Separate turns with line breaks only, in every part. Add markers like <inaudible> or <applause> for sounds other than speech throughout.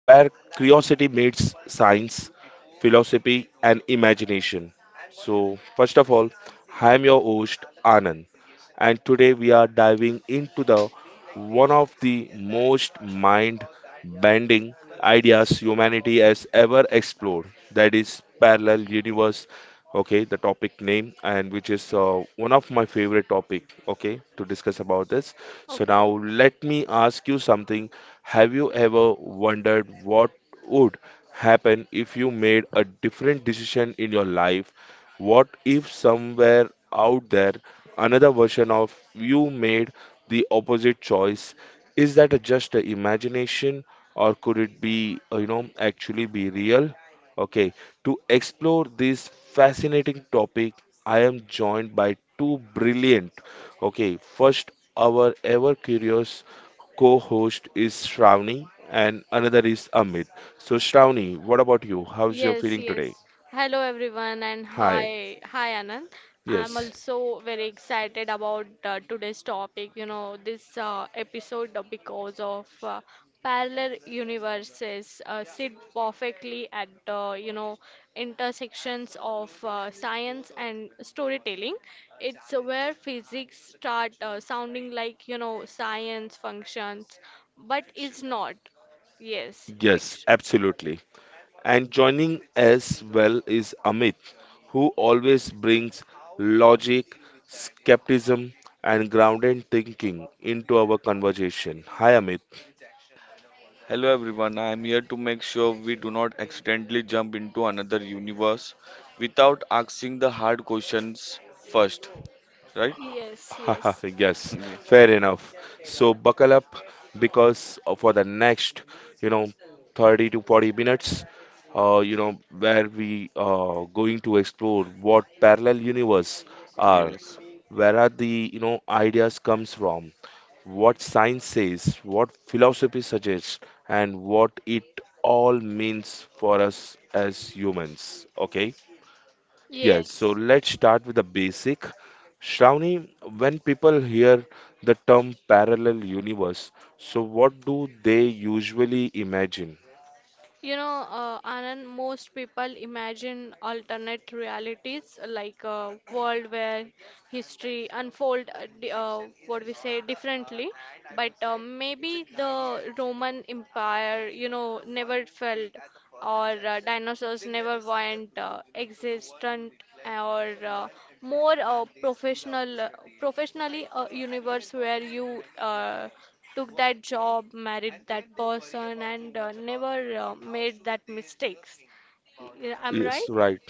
where curiosity meets science, philosophy, and imagination. So, first of all, I am your host, Anand, and today we are diving into the one of the most mind-bending ideas humanity has ever explored. That is parallel universe. Okay, the topic name, and which is one of my favorite topic. Okay, to discuss about this. So now
Okay.
let me ask you something. Have you ever wondered what would happen if you made a different decision in your life? What if somewhere out there another version of you made the opposite choice? Is just a imagination, or could it be, actually be real? Okay, to explore this fascinating topic, I am joined by two brilliant, okay, first our ever curious co host is Shravani, and another is Amit. So, Shravani, what about you? How's your
Yes,
feeling
yes.
today?
Hello everyone and
Hi.
hi Anand. I'm
Yes.
also very excited about today's topic, this episode because of parallel universes sit perfectly at the, intersections of science and storytelling. It's where physics start sounding like, science functions, but it's not. Yes,
Yes,
fiction.
absolutely. And joining as well is Amit, who always brings logic, skepticism, and grounded thinking into our conversation. Hi, Amit.
Hello everyone, I am here to make sure we do not accidentally jump into another universe without asking the hard questions first, right?
Yes,
<laughs>
yes,
Yes,
Yes,
fair enough. So buckle up because for the next, you know, 30 to 40 minutes, where we going to explore what parallel universe are,
yes,
where are the, ideas comes from, what science says, what philosophy suggests, and what it all means for us as humans. Okay? Yes, so
yes.
let's start with the basic. Shravani, when people hear the term parallel universe, so what do they usually imagine?
Anand, most people imagine alternate realities, like a world where history unfold, what we say, differently. But maybe the Roman Empire, never fell, or dinosaurs never weren't existent, or more professionally a universe where you took that job, married that person, and never made that mistakes. Yeah, I'm right?
Yes, right.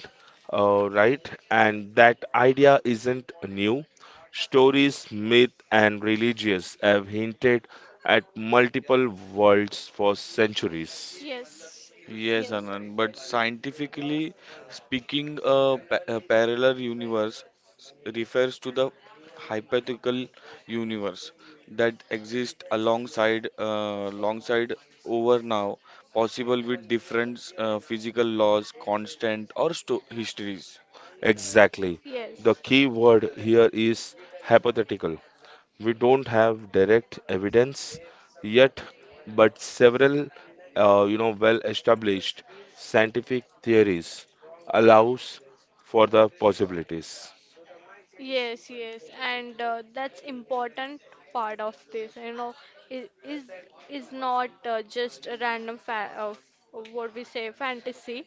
Right, and that idea isn't new. Stories, myth, and religious have hinted at multiple worlds for centuries.
Yes.
yes,
Yes.
Anand. But scientifically speaking, a parallel universe refers to the hypothetical universe that exists alongside, alongside over now, possible with different physical laws, constant or histories.
Exactly. The
Yes.
key word here is hypothetical. We don't have direct evidence yet, but several, well-established scientific theories allows for the possibilities.
Yes, yes, and that's important part of this. I- is is not just a random fa of what we say fantasy.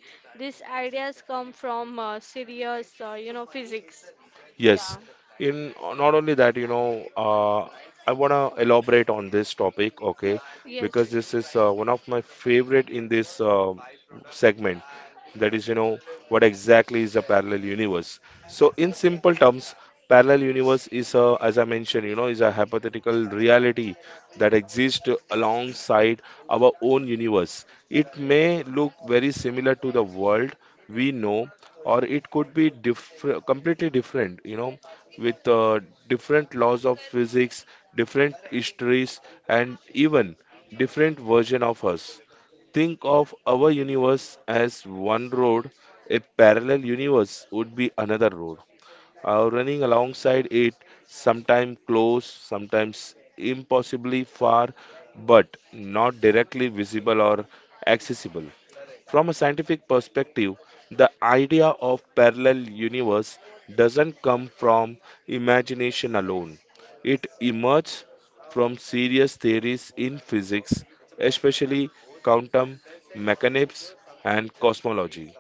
These ideas come from serious, physics. Yeah.
Yes, in not only that, I want to elaborate on this topic,
Ye-
okay,
yes.
because this is one of my favorite in this segment. That is, what exactly is a parallel universe. So, in simple terms, parallel universe is a, as I mentioned, is a hypothetical reality that exist alongside our own universe. It may look very similar to the world we know, or it could be different, completely different, with different laws of physics, different histories, and even different version of us. Think of our universe as one road, a parallel universe would be another road running alongside it, sometimes close, sometimes impossibly far, but not directly visible or accessible. From a scientific perspective, the idea of parallel universe doesn't come from imagination alone. It emerges from serious theories in physics, especially quantum mechanics and cosmology.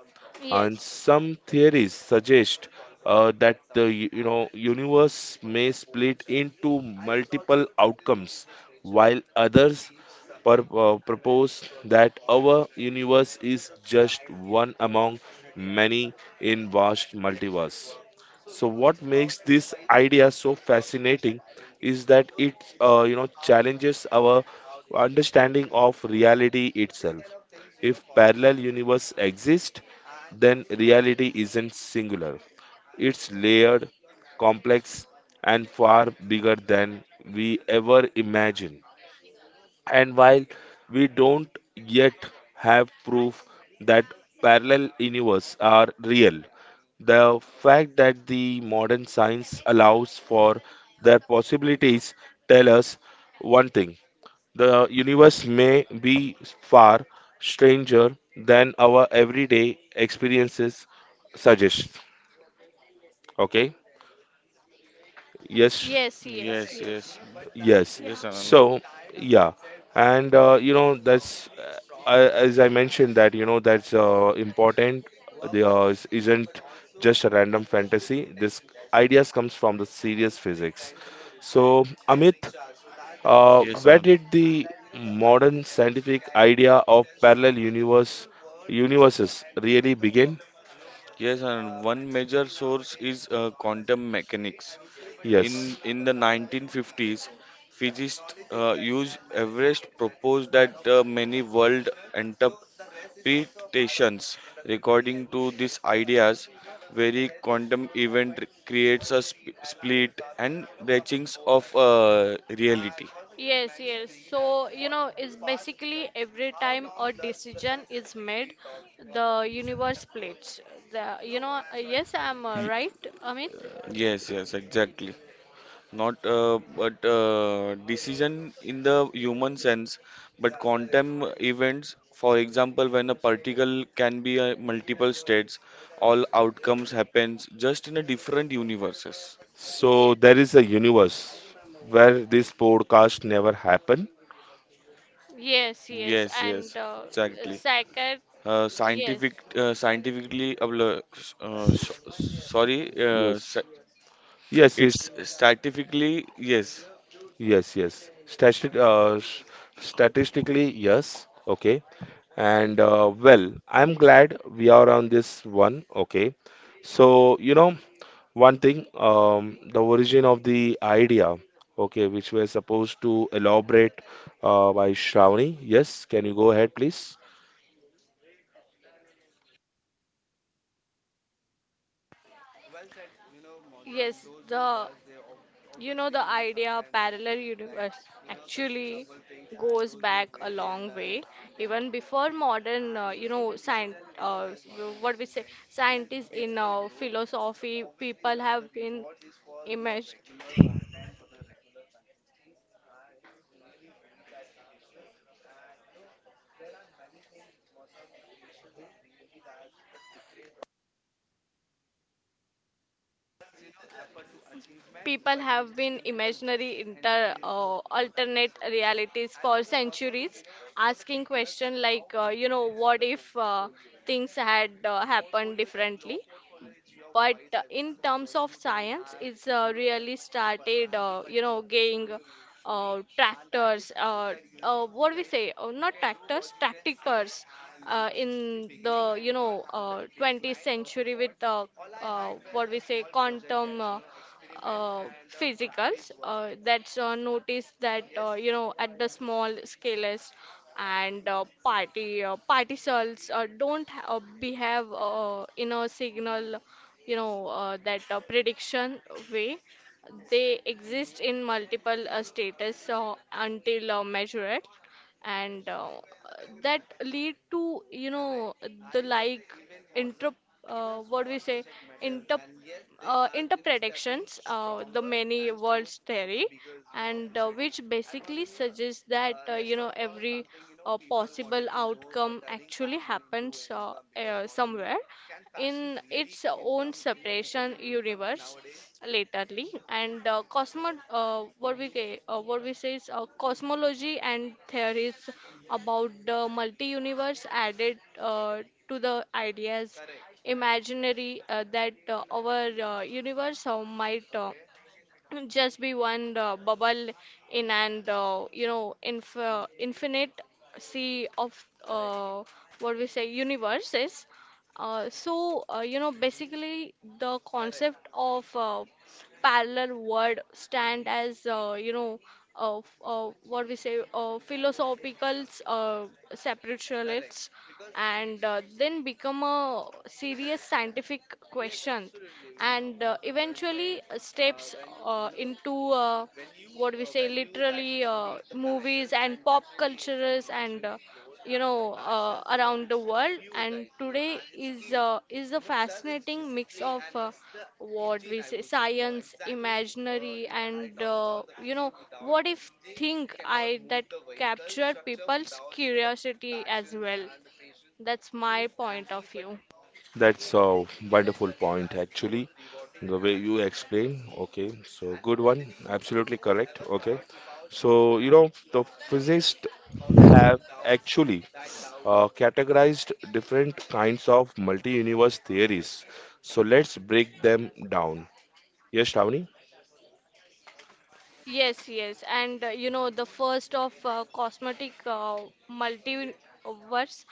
And
Yes.
some theories suggest that the universe may split into multiple outcomes, while others propose that our universe is just one among many in vast multiverse. So what makes this idea so fascinating is that it challenges our understanding of reality itself. If parallel universe exist, then reality isn't singular. It's layered, complex, and far bigger than we ever imagine. And while we don't yet have proof that parallel universes are real, the fact that the modern science allows for their possibilities tell us one thing: the universe may be far stranger than our everyday experiences suggest. Okay. Yes.
Yes, yes,
Yes, yes,
yes.
Yes.
Yeah.
yes, Anand.
So, yeah. And that's as I mentioned that, that's important. The is- isn't just a random fantasy. This ideas comes from the serious physics. So, Amit,
Yes,
where
Anand.
did the modern scientific idea of parallel universe universes really begin?
Yes, Anand. One major source is quantum mechanics. In
Yes.
in the 1950s, physicists used Everest proposed that many world enter. Interpretations regarding to these ideas, very quantum event creates a split and branchings of reality.
Yes, yes. So, it's basically every time a decision is made, the universe plates. The, yes, I'm
Y-
right, Amit?
Yes, yes, exactly. Not but decision in the human sense, but quantum events, for example, when a particle can be multiple states, all outcomes happens just in a different universes.
Yeah.
So there is a universe where this podcast never happened.
Yes, yes.
Yes, yes,
And
exactly.
sacred, yes.
Scientific, scientifically, abla- so- sorry,
Yes.
sa-
Yes, is
it's statistically, yes,
Yes, yes. Statistically, yes. Okay. And well, I'm glad we are on this one. Okay. So, one thing, the origin of the idea, okay, which we're supposed to elaborate by Shravani. Yes, can you go ahead, please?
Well. Yes, the you know the idea of parallel, like, universe actually goes back a long way, even before modern science what we say scientists in philosophy. People have been imagine people have been imaginary inter alternate realities for centuries, asking questions like, what if things had happened differently. But in terms of science, it's really started getting tractors what do we say, not tractors, tracticers, in the you know 20th century, with what we say quantum uh, physicals, that's noticed that, at the small scales, and party particles don't ha- behave in a signal, that prediction way. They exist in multiple status until measured, and that lead to, the, like, inter what we say, inter interpretations, the many worlds theory, and which basically suggests that, every possible outcome actually happens somewhere in its own separation universe. Laterly, and cosmo what we ca- what we say is, cosmology and theories about the multi universe added uh, to the ideas imaginary, that our universe might just be one bubble in, and, infinite sea of, what we say, universes. Uh, so basically, the concept of parallel world stand as, what we say, philosophical separationists, and then become a serious scientific question, and eventually steps into, what we say, literally movies and pop cultures, and, around the world, and today is, is a fascinating mix of, what we say, science imaginary, and, what if think I that capture people's curiosity as well. That's my point of view.
That's a wonderful point, actually. The way you explain, okay, so good one, absolutely correct, okay. So, the physicists have actually categorized different kinds of multi-universe theories. So let's break them down. Yes, Tawni?
Yes, yes, and you know the first of cosmetic multiverse,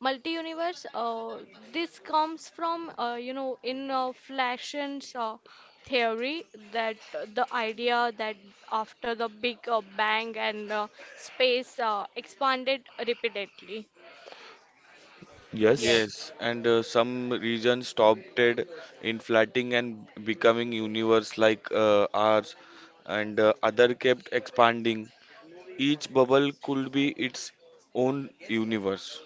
multi-universe. This comes from, you know in Flash's theory, that the idea that after the Big Bang and space expanded repeatedly.
Yes.
Yes.
yes, and some regions stopped it in flatting and becoming universe like ours, and other kept expanding. Each bubble could be its own universe.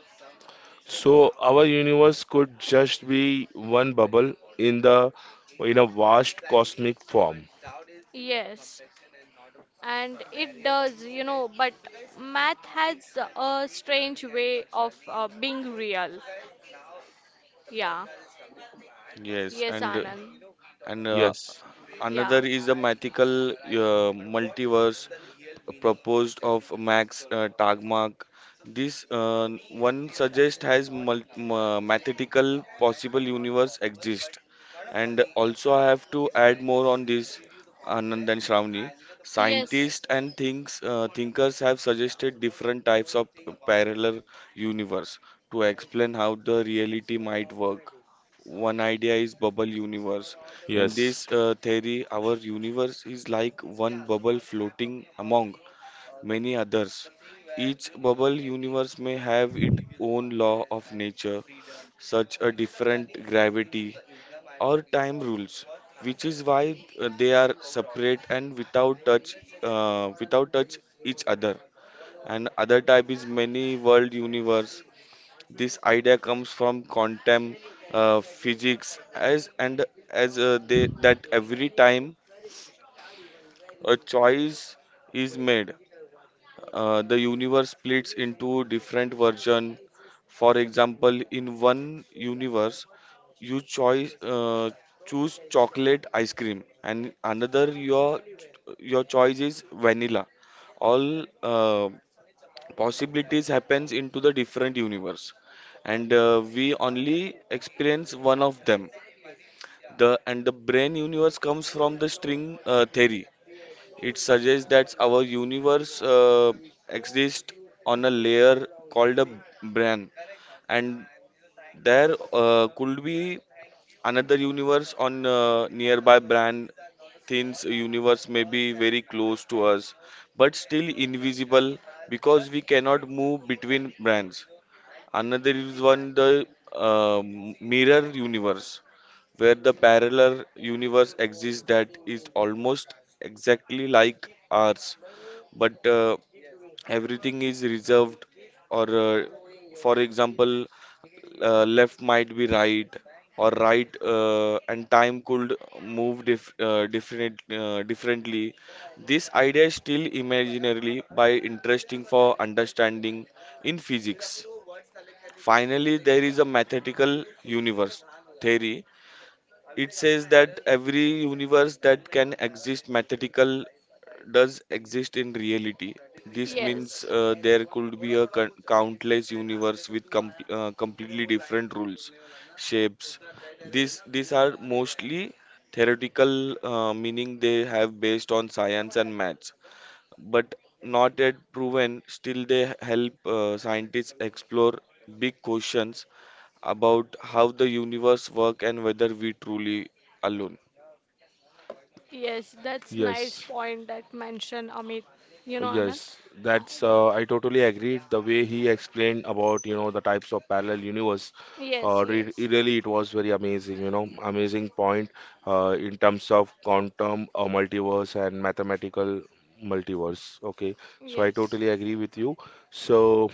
So our universe could just be one bubble in the in a vast cosmic form.
Yes, and it does, but math has a strange way of being real. Yeah.
Yes,
Yes, Anand.
and
Yes.
another
Yeah.
is the mythical multiverse proposed of Max Tegmark. This one suggest has mathematical possible universe exist. And also I have to add more on this, Anand and Shravani.
Yes,
Scientists and thinkers have suggested different types of parallel universe to explain how the reality might work. One idea is bubble universe. In
Yes.
this uh, theory, our universe is like one bubble floating among many others. Each bubble universe may have its own law of nature, such a different gravity or time rules, which is why they are separate and without touch, without touch each other. And other type is many world universe. This idea comes from quantum physics, as and as they that every time a choice is made. The universe splits into different versions. For example, in one universe, you choice choose chocolate ice cream, and another your choice is vanilla. All possibilities happens into the different universe, and we only experience one of them. The and the brain universe comes from the string theory. It suggests that our universe exists on a layer called a brain, and there could be another universe on nearby brain. Thin's universe may be very close to us, but still invisible because we cannot move between brands. Another is one the uh, mirror universe, where the parallel universe exists that is almost exactly like ours, but everything is reserved. Or for example, left might be right, or right, and time could move differently. This idea is still imaginarily by interesting for understanding in physics. Finally, there is a mathematical universe theory. It says that every universe that can exist mathematical does exist in reality. This means
yes,
there could be a countless universe with completely different rules, shapes. These are mostly theoretical, meaning they have based on science and maths, but not yet proven. Still, they help scientists explore big questions about how the universe work and whether we truly alone.
yes. That's nice
Yes.
point that mentioned, Amit. You know, Anand.
Yes,
uh,
that's I totally agreed. The way he explained about, the types of parallel universe,
Yes,
re
yes,
really it was very amazing, amazing point in terms of quantum multiverse and mathematical multiverse. Okay, so I
yes,
totally agree with you. So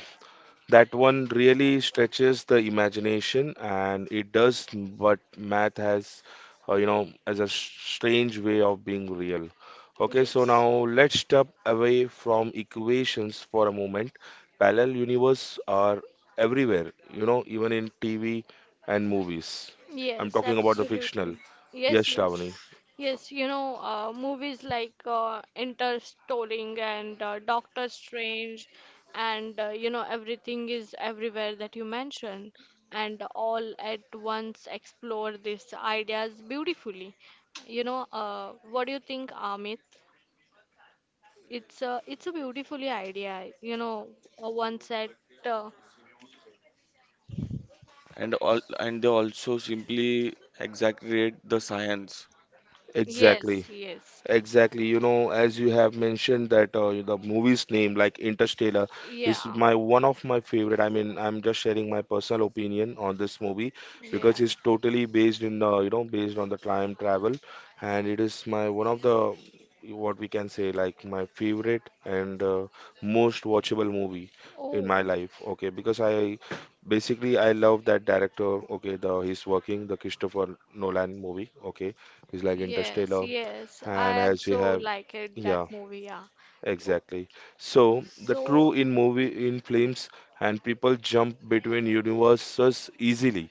that one really stretches the imagination, and it does what math has, as a strange way of being real. Okay, so
yes.
now let's step away from equations for a moment. Parallel universe are everywhere, you know, even in TV and movies. I'm
Yes,
talking about the fictional.
absolutely.
Yes,
Yes,
Shravani.
yes. Yes, movies like Interstellar and Doctor Strange, and, Everything is everywhere that you mentioned, and all at once, explore these ideas beautifully. You know, what do you think, Amit? It's a beautifully idea. You know, once at uh,
And all and they also simply exaggerate the science.
Exactly.
Yes, yes.
Exactly, you know, as you have mentioned that the movie's name, like Interstellar,
Yeah.
is my one of my favorite. I mean, I'm just sharing my personal opinion on this movie
Yeah.
because it's totally based in you know based on the time travel, and it is my one of the what we can say like my favorite and most watchable movie in
Oh,
my life. Okay, because I love that director. Okay, the he's working the Christopher Nolan movie. Okay, he's like
yes,
Interstellar,
yes.
and
I
as we
also
have,
like it, that
yeah,
movie. Yeah. Oh,
exactly. So the
so
true in movie, in films and people jump between universes easily,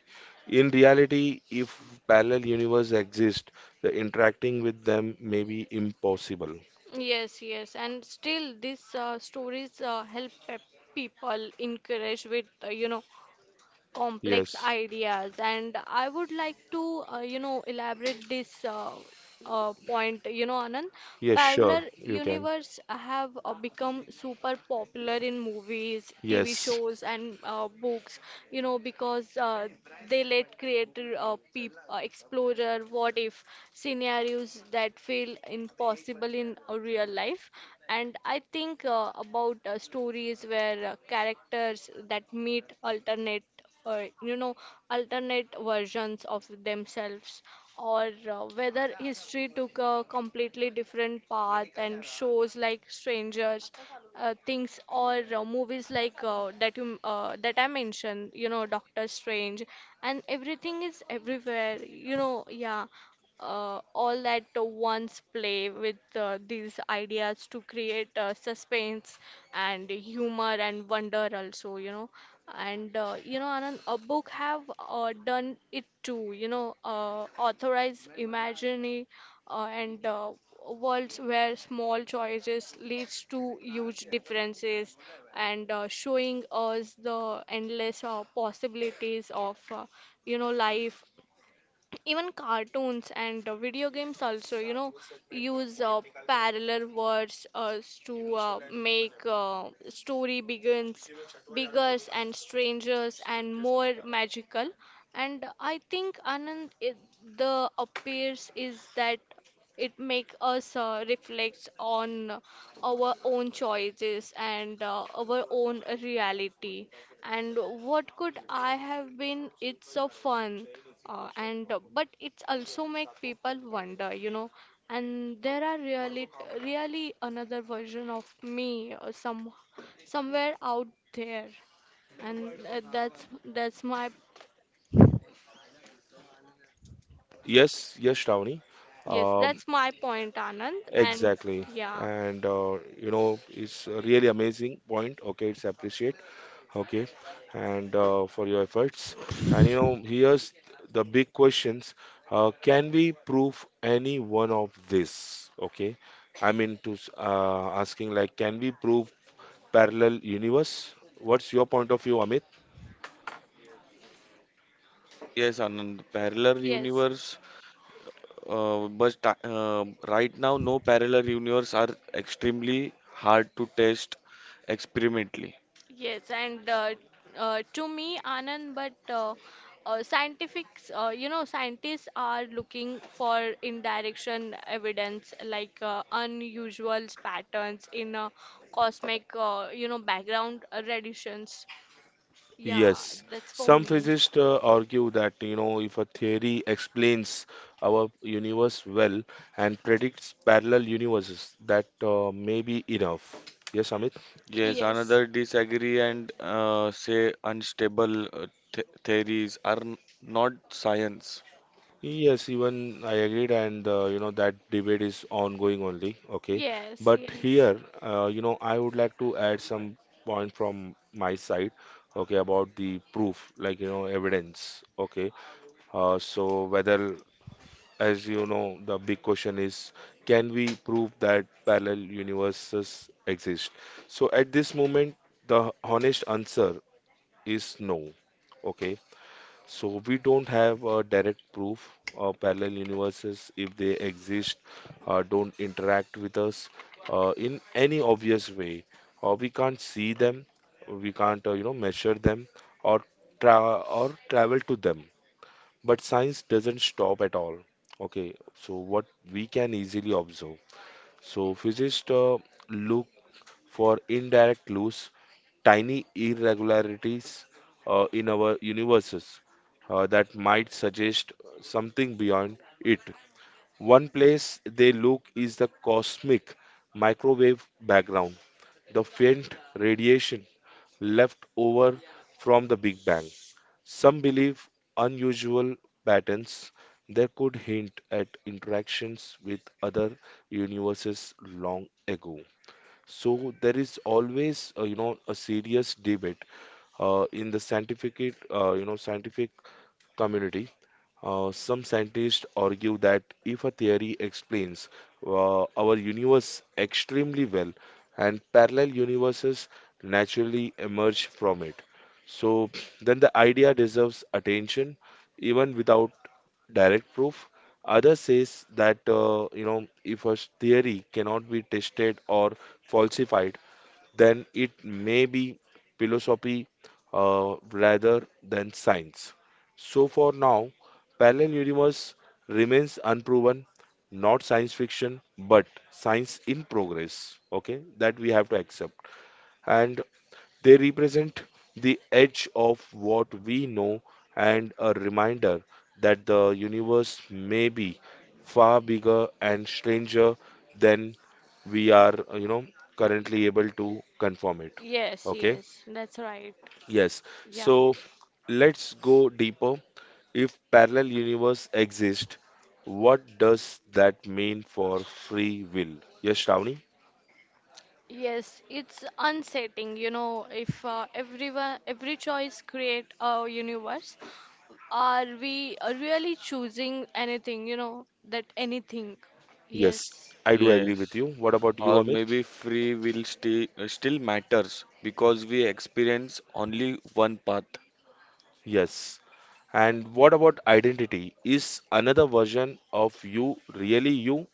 in reality, if parallel universe exist, the interacting with them may be impossible.
yes, yes. And still, these stories help people encourage with, complex
Yes,
ideas. And I would like to elaborate this point, you know, Anand.
yes, sure
Parallel
you can.
universe have become super popular in movies, TV
Yes,
shows, and books, you know, because they let explorer what if scenarios, that feel impossible in real life. And I think about stories where characters that meet alternate, uh, you know alternate versions of themselves, or whether history took a completely different path. And shows like strangers Things, or movies like, that I mentioned, you know, Doctor Strange and Everything is everywhere, you know, yeah, all at once, play with these ideas to create suspense and humor and wonder also, you know. And, Anand, a book have done it too, you know, authorize imaginary, and worlds where small choices leads to huge differences, and showing us the endless possibilities of, life. Even cartoons and video games also, you know, use parallel words to uh, make story begins bigger and strangers and more magical. And I think, Anand, it, the appears is that it make us reflect on our own choices and our own reality, and what could I have been. It's so fun. And but it's also make people wonder, you know, and there are really, really another version of me, somewhere out there, and that's my.
yes, yes, Shravani.
Yes
um
that's my point, Anand, and
exactly,
yeah.
and it's a really amazing point, okay, it's appreciate, okay, and for your efforts. And here's the big questions: can we prove any one of this, okay? I mean, asking like, can we prove parallel universe? What's your point of view, Amit?
Yes, Anand, parallel
Yes.
universe, right now no parallel universe are extremely hard to test experimentally.
Yes, and to me, Anand, but scientists are looking for indirection evidence, like unusual patterns in cosmic, background radiations. Yeah,
Yes,
that's for
some
me.
physicists argue that, you know, if a theory explains our universe well and predicts parallel universes, that may be enough. Yes, Amit.
Yes,
Yes,
another disagree and say unstable th theories are not science.
Yes, even I agreed, and that debate is ongoing only. Okay,
yes,
but
yes,
here, I would like to add some point from my side. Okay, about the proof, like, you know, evidence. Okay, so whether, as you know, the big question is, can we prove that parallel universes exist? So at this moment, the honest answer is no. Okay, so we don't have a direct proof of parallel universes. If they exist, don't interact with us in any obvious way. We can't see them, we can't measure them or travel to them. But science doesn't stop at all. Okay, so what we can easily observe. So physicists look for indirect clues, tiny irregularities in our universes that might suggest something beyond it. One place they look is the cosmic microwave background, the faint radiation left over from the Big Bang. Some believe unusual patterns there could hint at interactions with other universes long ago. So there is always, a serious debate in the scientific, scientific community. Some scientists argue that if a theory explains our universe extremely well, and parallel universes naturally emerge from it. So then the idea deserves attention even without direct proof. Others says that if a theory cannot be tested or falsified, then it may be philosophy rather than science. So for now, parallel universe remains unproven, not science fiction, but science in progress. Okay, that we have to accept. And they represent the edge of what we know, and a reminder that the universe may be far bigger and stranger than we are, currently able to confirm it.
yes,
Okay?
yes, that's right.
Yes.
Yeah.
So let's go deeper. If parallel universe exist, what does that mean for free will? Yes, Shravani?
Yes, it's unsettling, you know, if everyone every choice create a universe, are we really choosing anything, that anything?
Yes,
Yes.
I do agree with
Yes.
you. What about you,
Or
Amit?
maybe free will still matters because we experience only one path.
Yes. And what about identity? Is another version of you really you?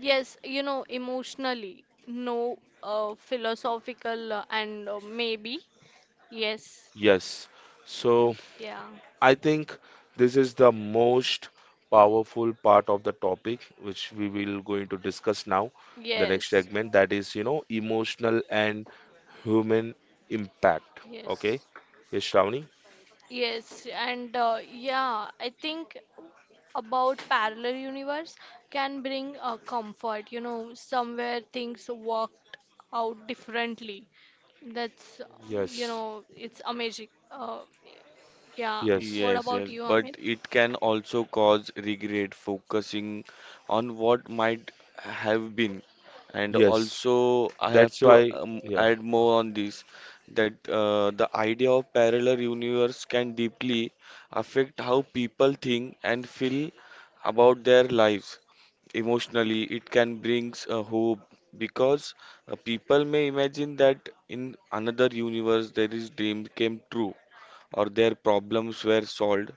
Yes, you know, emotionally, no, philosophical, and maybe. Yes.
Yes. So
Yeah.
I think this is the most powerful part of the topic which we will going to discuss now, the next
Yes.
segment, that is, emotional and human impact. Okay?
Yes,
Yes, Shravani?
yes, and yeah, I think about parallel universe can bring a comfort, you know, somewhere things work out differently. That's,
Yes.
it's amazing. Yeah.
Yes.
What
Yes,
about
yes,
you,
but
Amit?
it can also cause regret, focusing on what might have been. And
Yes.
also, I have
That's
to
why, yeah.
add more on this that the idea of parallel universe can deeply affect how people think and feel about their lives. Emotionally, it can bring hope because people may imagine that in another universe, there is dream came true or their problems were solved.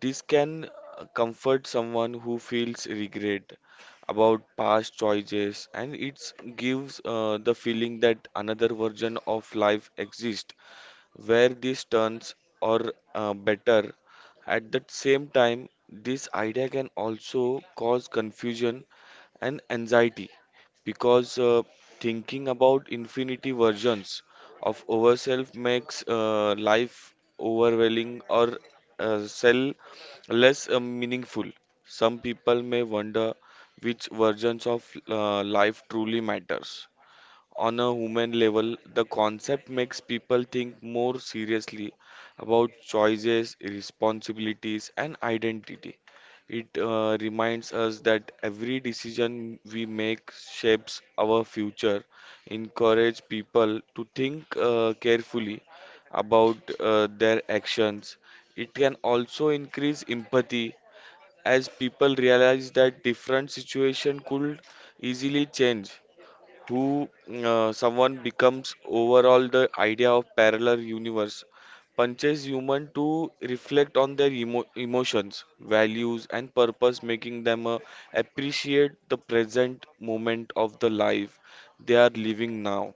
This can comfort someone who feels regret about past choices, and it gives the feeling that another version of life exists where these turns are better. At the same time, this idea can also cause confusion and anxiety because thinking about infinity versions of ourselves makes life overwhelming or sell less meaningful. Some people may wonder which versions of life truly matters. On a human level, the concept makes people think more seriously about choices, responsibilities, and identity. It reminds us that every decision we make shapes our future, encourage people to think carefully about their actions. It can also increase empathy as people realize that different situation could easily change who someone becomes. Overall, the idea of parallel universe punches human to reflect on their emotions, values, and purpose, making them appreciate the present moment of the life they are living now.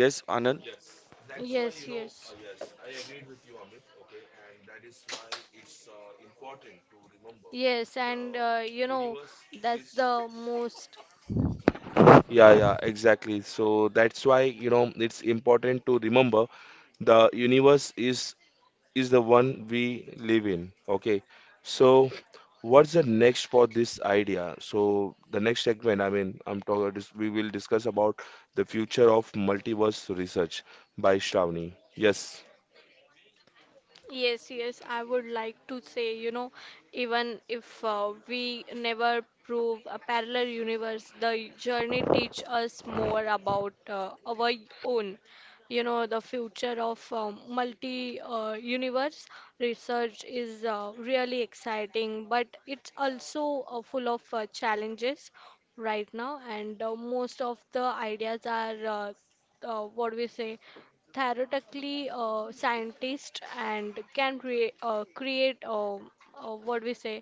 Yes, Anand.
Yes, that's why,
Yes, yes.
yes, I agreed with you, Amit, okay, and that is why it's important to remember
Yes,
the
and,
universe
that's
is.
the most.
Yeah, yeah, exactly. So that's why, it's important to remember the universe is the one we live in, okay? So what's the next for this idea? So the next segment, I mean, I'm talking, we will discuss about the future of multiverse research by Shravani. Yes.
Yes, yes, I would like to say, you know, even if we never prove a parallel universe, the journey teach us more about our own. You know, the future of multi universe research is really exciting, but it's also full of challenges right now. And most of the ideas are, what we say, theoretically. Scientist and can create, what we say,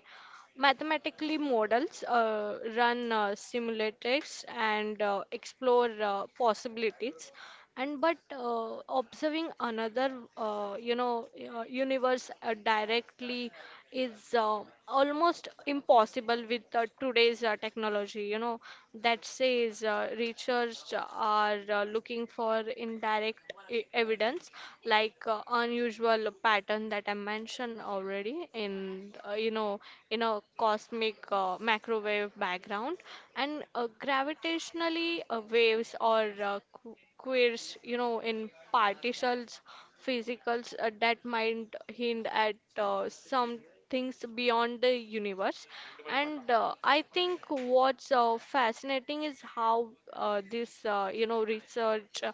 mathematically models, run simulators and explore possibilities. And but observing another, uh, you know universe directly, is almost impossible with today's technology, you know. That says researchers are looking for indirect evidence, like unusual pattern that I mentioned already, in, in a cosmic microwave background, and gravitationally waves, or queers, you know, in particles, physicals, that might hint at some things beyond the universe. And I think what's fascinating is how this, research,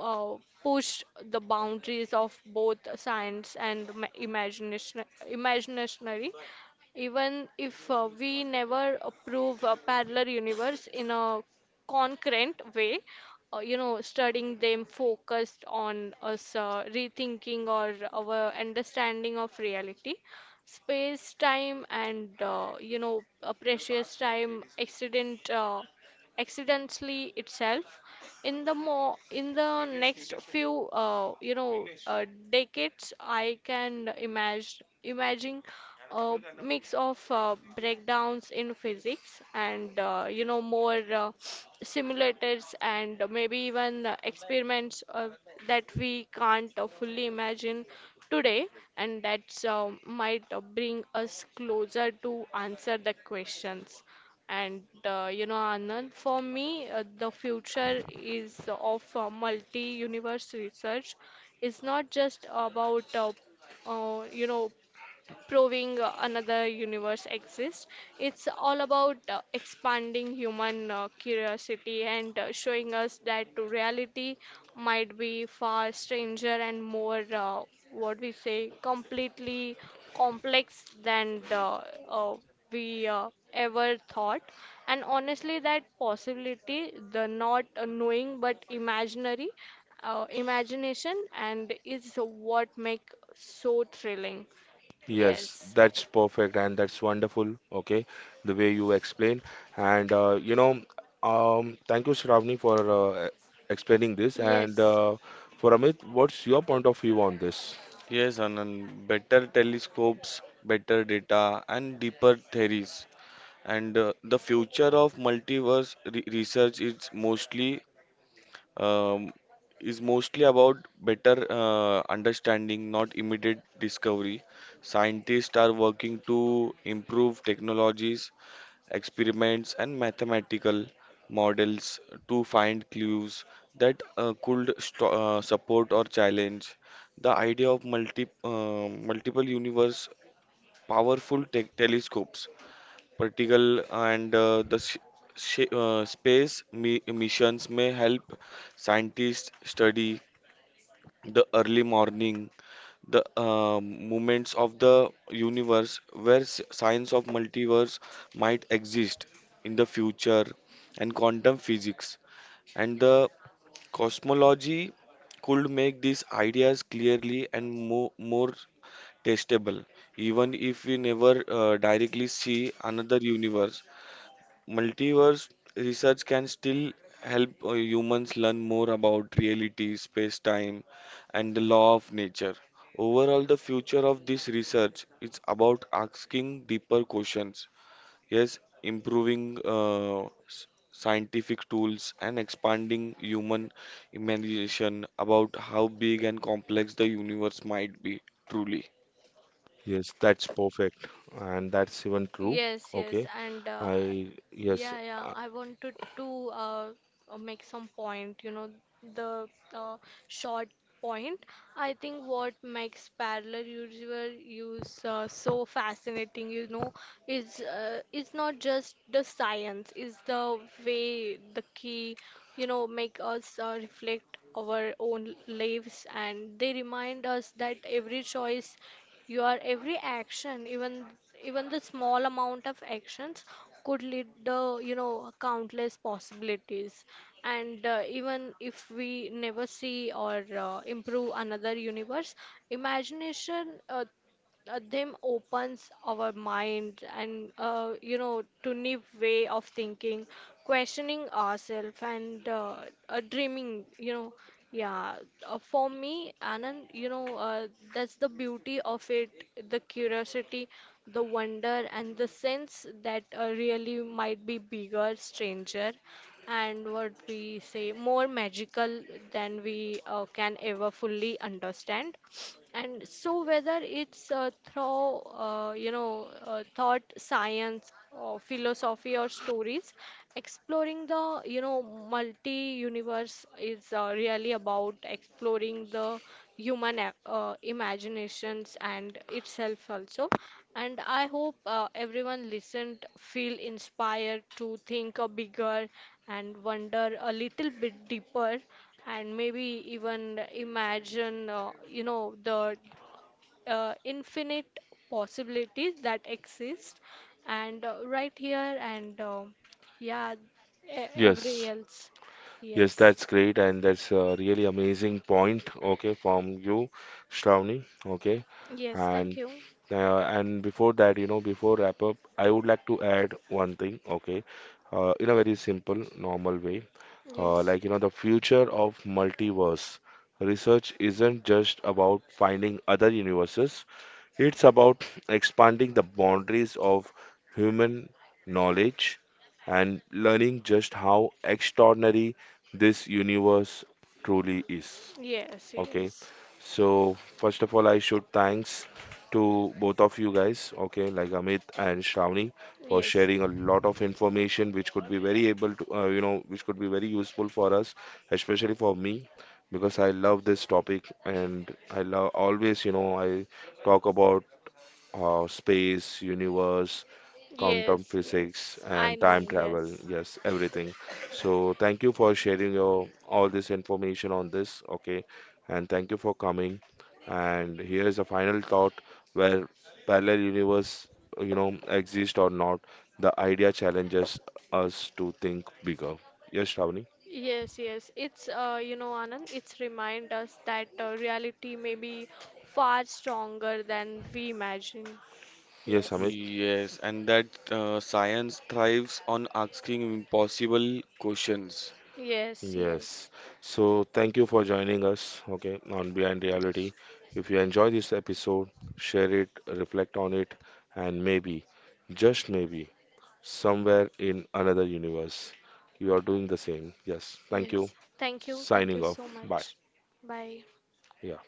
uh, pushed the boundaries of both science and imagination, imaginary. Even if we never prove a parallel universe in a concrete way, studying them focused on us rethinking or our understanding of reality, space time, and, a precious time accident, accidentally itself. In the more, in the next few, decades, I can imagine a mix of breakdowns in physics and, more simulators, and maybe even experiments that we can't fully imagine today. And that might bring us closer to answer the questions. And, Anand, for me, the future is of multi universe research, it's not just about, uh, you know proving another universe exists. It's all about expanding human curiosity, and showing us that reality might be far stranger and more, what we say, completely complex than the, uh, we ever thought. And honestly, that possibility, the not knowing but imaginary, imagination, and is what make so thrilling.
Yes,
Yes.
that's perfect, and that's wonderful. Okay, the way you explain, and thank you, Shravani, for explaining this. And
Yes,
for Amit, what's your point of view on this?
Yes, Anand, better telescopes, better data, and deeper theories, and the future of multiverse research um, is mostly about better understanding, not immediate discovery. Scientists are working to improve technologies, experiments, and mathematical models to find clues that could support or challenge the idea of multiple universe. Powerful tech telescopes, particle, and the space missions may help scientists study the early morning, the movements of the universe where signs of multiverse might exist in the future. And quantum physics and the cosmology could make these ideas clearly and more testable. Even if we never directly see another universe, multiverse research can still help humans learn more about reality, space time, and the law of nature. Overall, the future of this research is about asking deeper questions, yes, improving s- scientific tools, and expanding human imagination about how big and complex the universe might be truly.
Yes, that's perfect, and that's even true.
yes, yes,
Okay,
and
I, yes,
yeah, yeah.
uh,
I wanted to make some point. You know, the uh, short point. I think what makes parallel usual use so fascinating, you know, is not just the science. Is the way the key. You know, make us reflect our own lives, and they remind us that every choice, your every action, even the small amount of actions, could lead the, you know, countless possibilities. And even if we never see or improve another universe, imagination, them opens our mind, and, to new way of thinking, questioning ourselves, and dreaming, you know, yeah. For me, Anand, you know, that's the beauty of it, the curiosity, the wonder, and the sense that really might be bigger, stranger, and, what we say, more magical than we can ever fully understand. And so, whether it's through, thought, science, or philosophy, or stories, exploring the, you know, multi universe, is really about exploring the human, imaginations and itself also. And I hope everyone listened feel inspired to think a bigger, and wonder a little bit deeper, and maybe even imagine, the infinite possibilities that exist, and right here, and yeah, every
yes,
else.
yes,
Yes.
that's great, and that's a really amazing point. Okay, from you, Shravani. Okay,
Yes, thank
and
you.
And before that, you know, before wrap up, I would like to add one thing, okay? In a very simple, normal way,
Yes,
like, you know, the future of multiverse research isn't just about finding other universes, it's about expanding the boundaries of human knowledge and learning just how extraordinary this universe truly is.
yes,
Okay.
yes,
So first of all, I should thanks to both of you guys, okay, like Amit and Shravani, for
yes,
sharing a lot of information which could be very able to, which could be very useful for us, especially for me, because I love this topic and I love always, I talk about space, universe, quantum
yes, yes,
physics,
I
and
know.
time
Yes.
travel. Yes, everything. So thank you for sharing your all this information on this. Okay, and thank you for coming. And here is a final thought, where parallel universe, you know, exist or not. The idea challenges us to think bigger. Yes, Shravani.
Yes, yes. It's, Anand, it's remind us that reality may be far stronger than we imagine.
Yes,
Yes,
Amit.
Yes, and that science thrives on asking impossible questions.
yes,
Yes.
yes,
So thank you for joining us, okay, on Behind
Yes.
Reality. If you enjoy this episode, share it, reflect on it, and maybe, just maybe, somewhere in another universe, you are doing the same. Yes. Thank you.
yes. Thank you. Thank you
Signing
so
off. Bye.
much. Bye.
Yeah.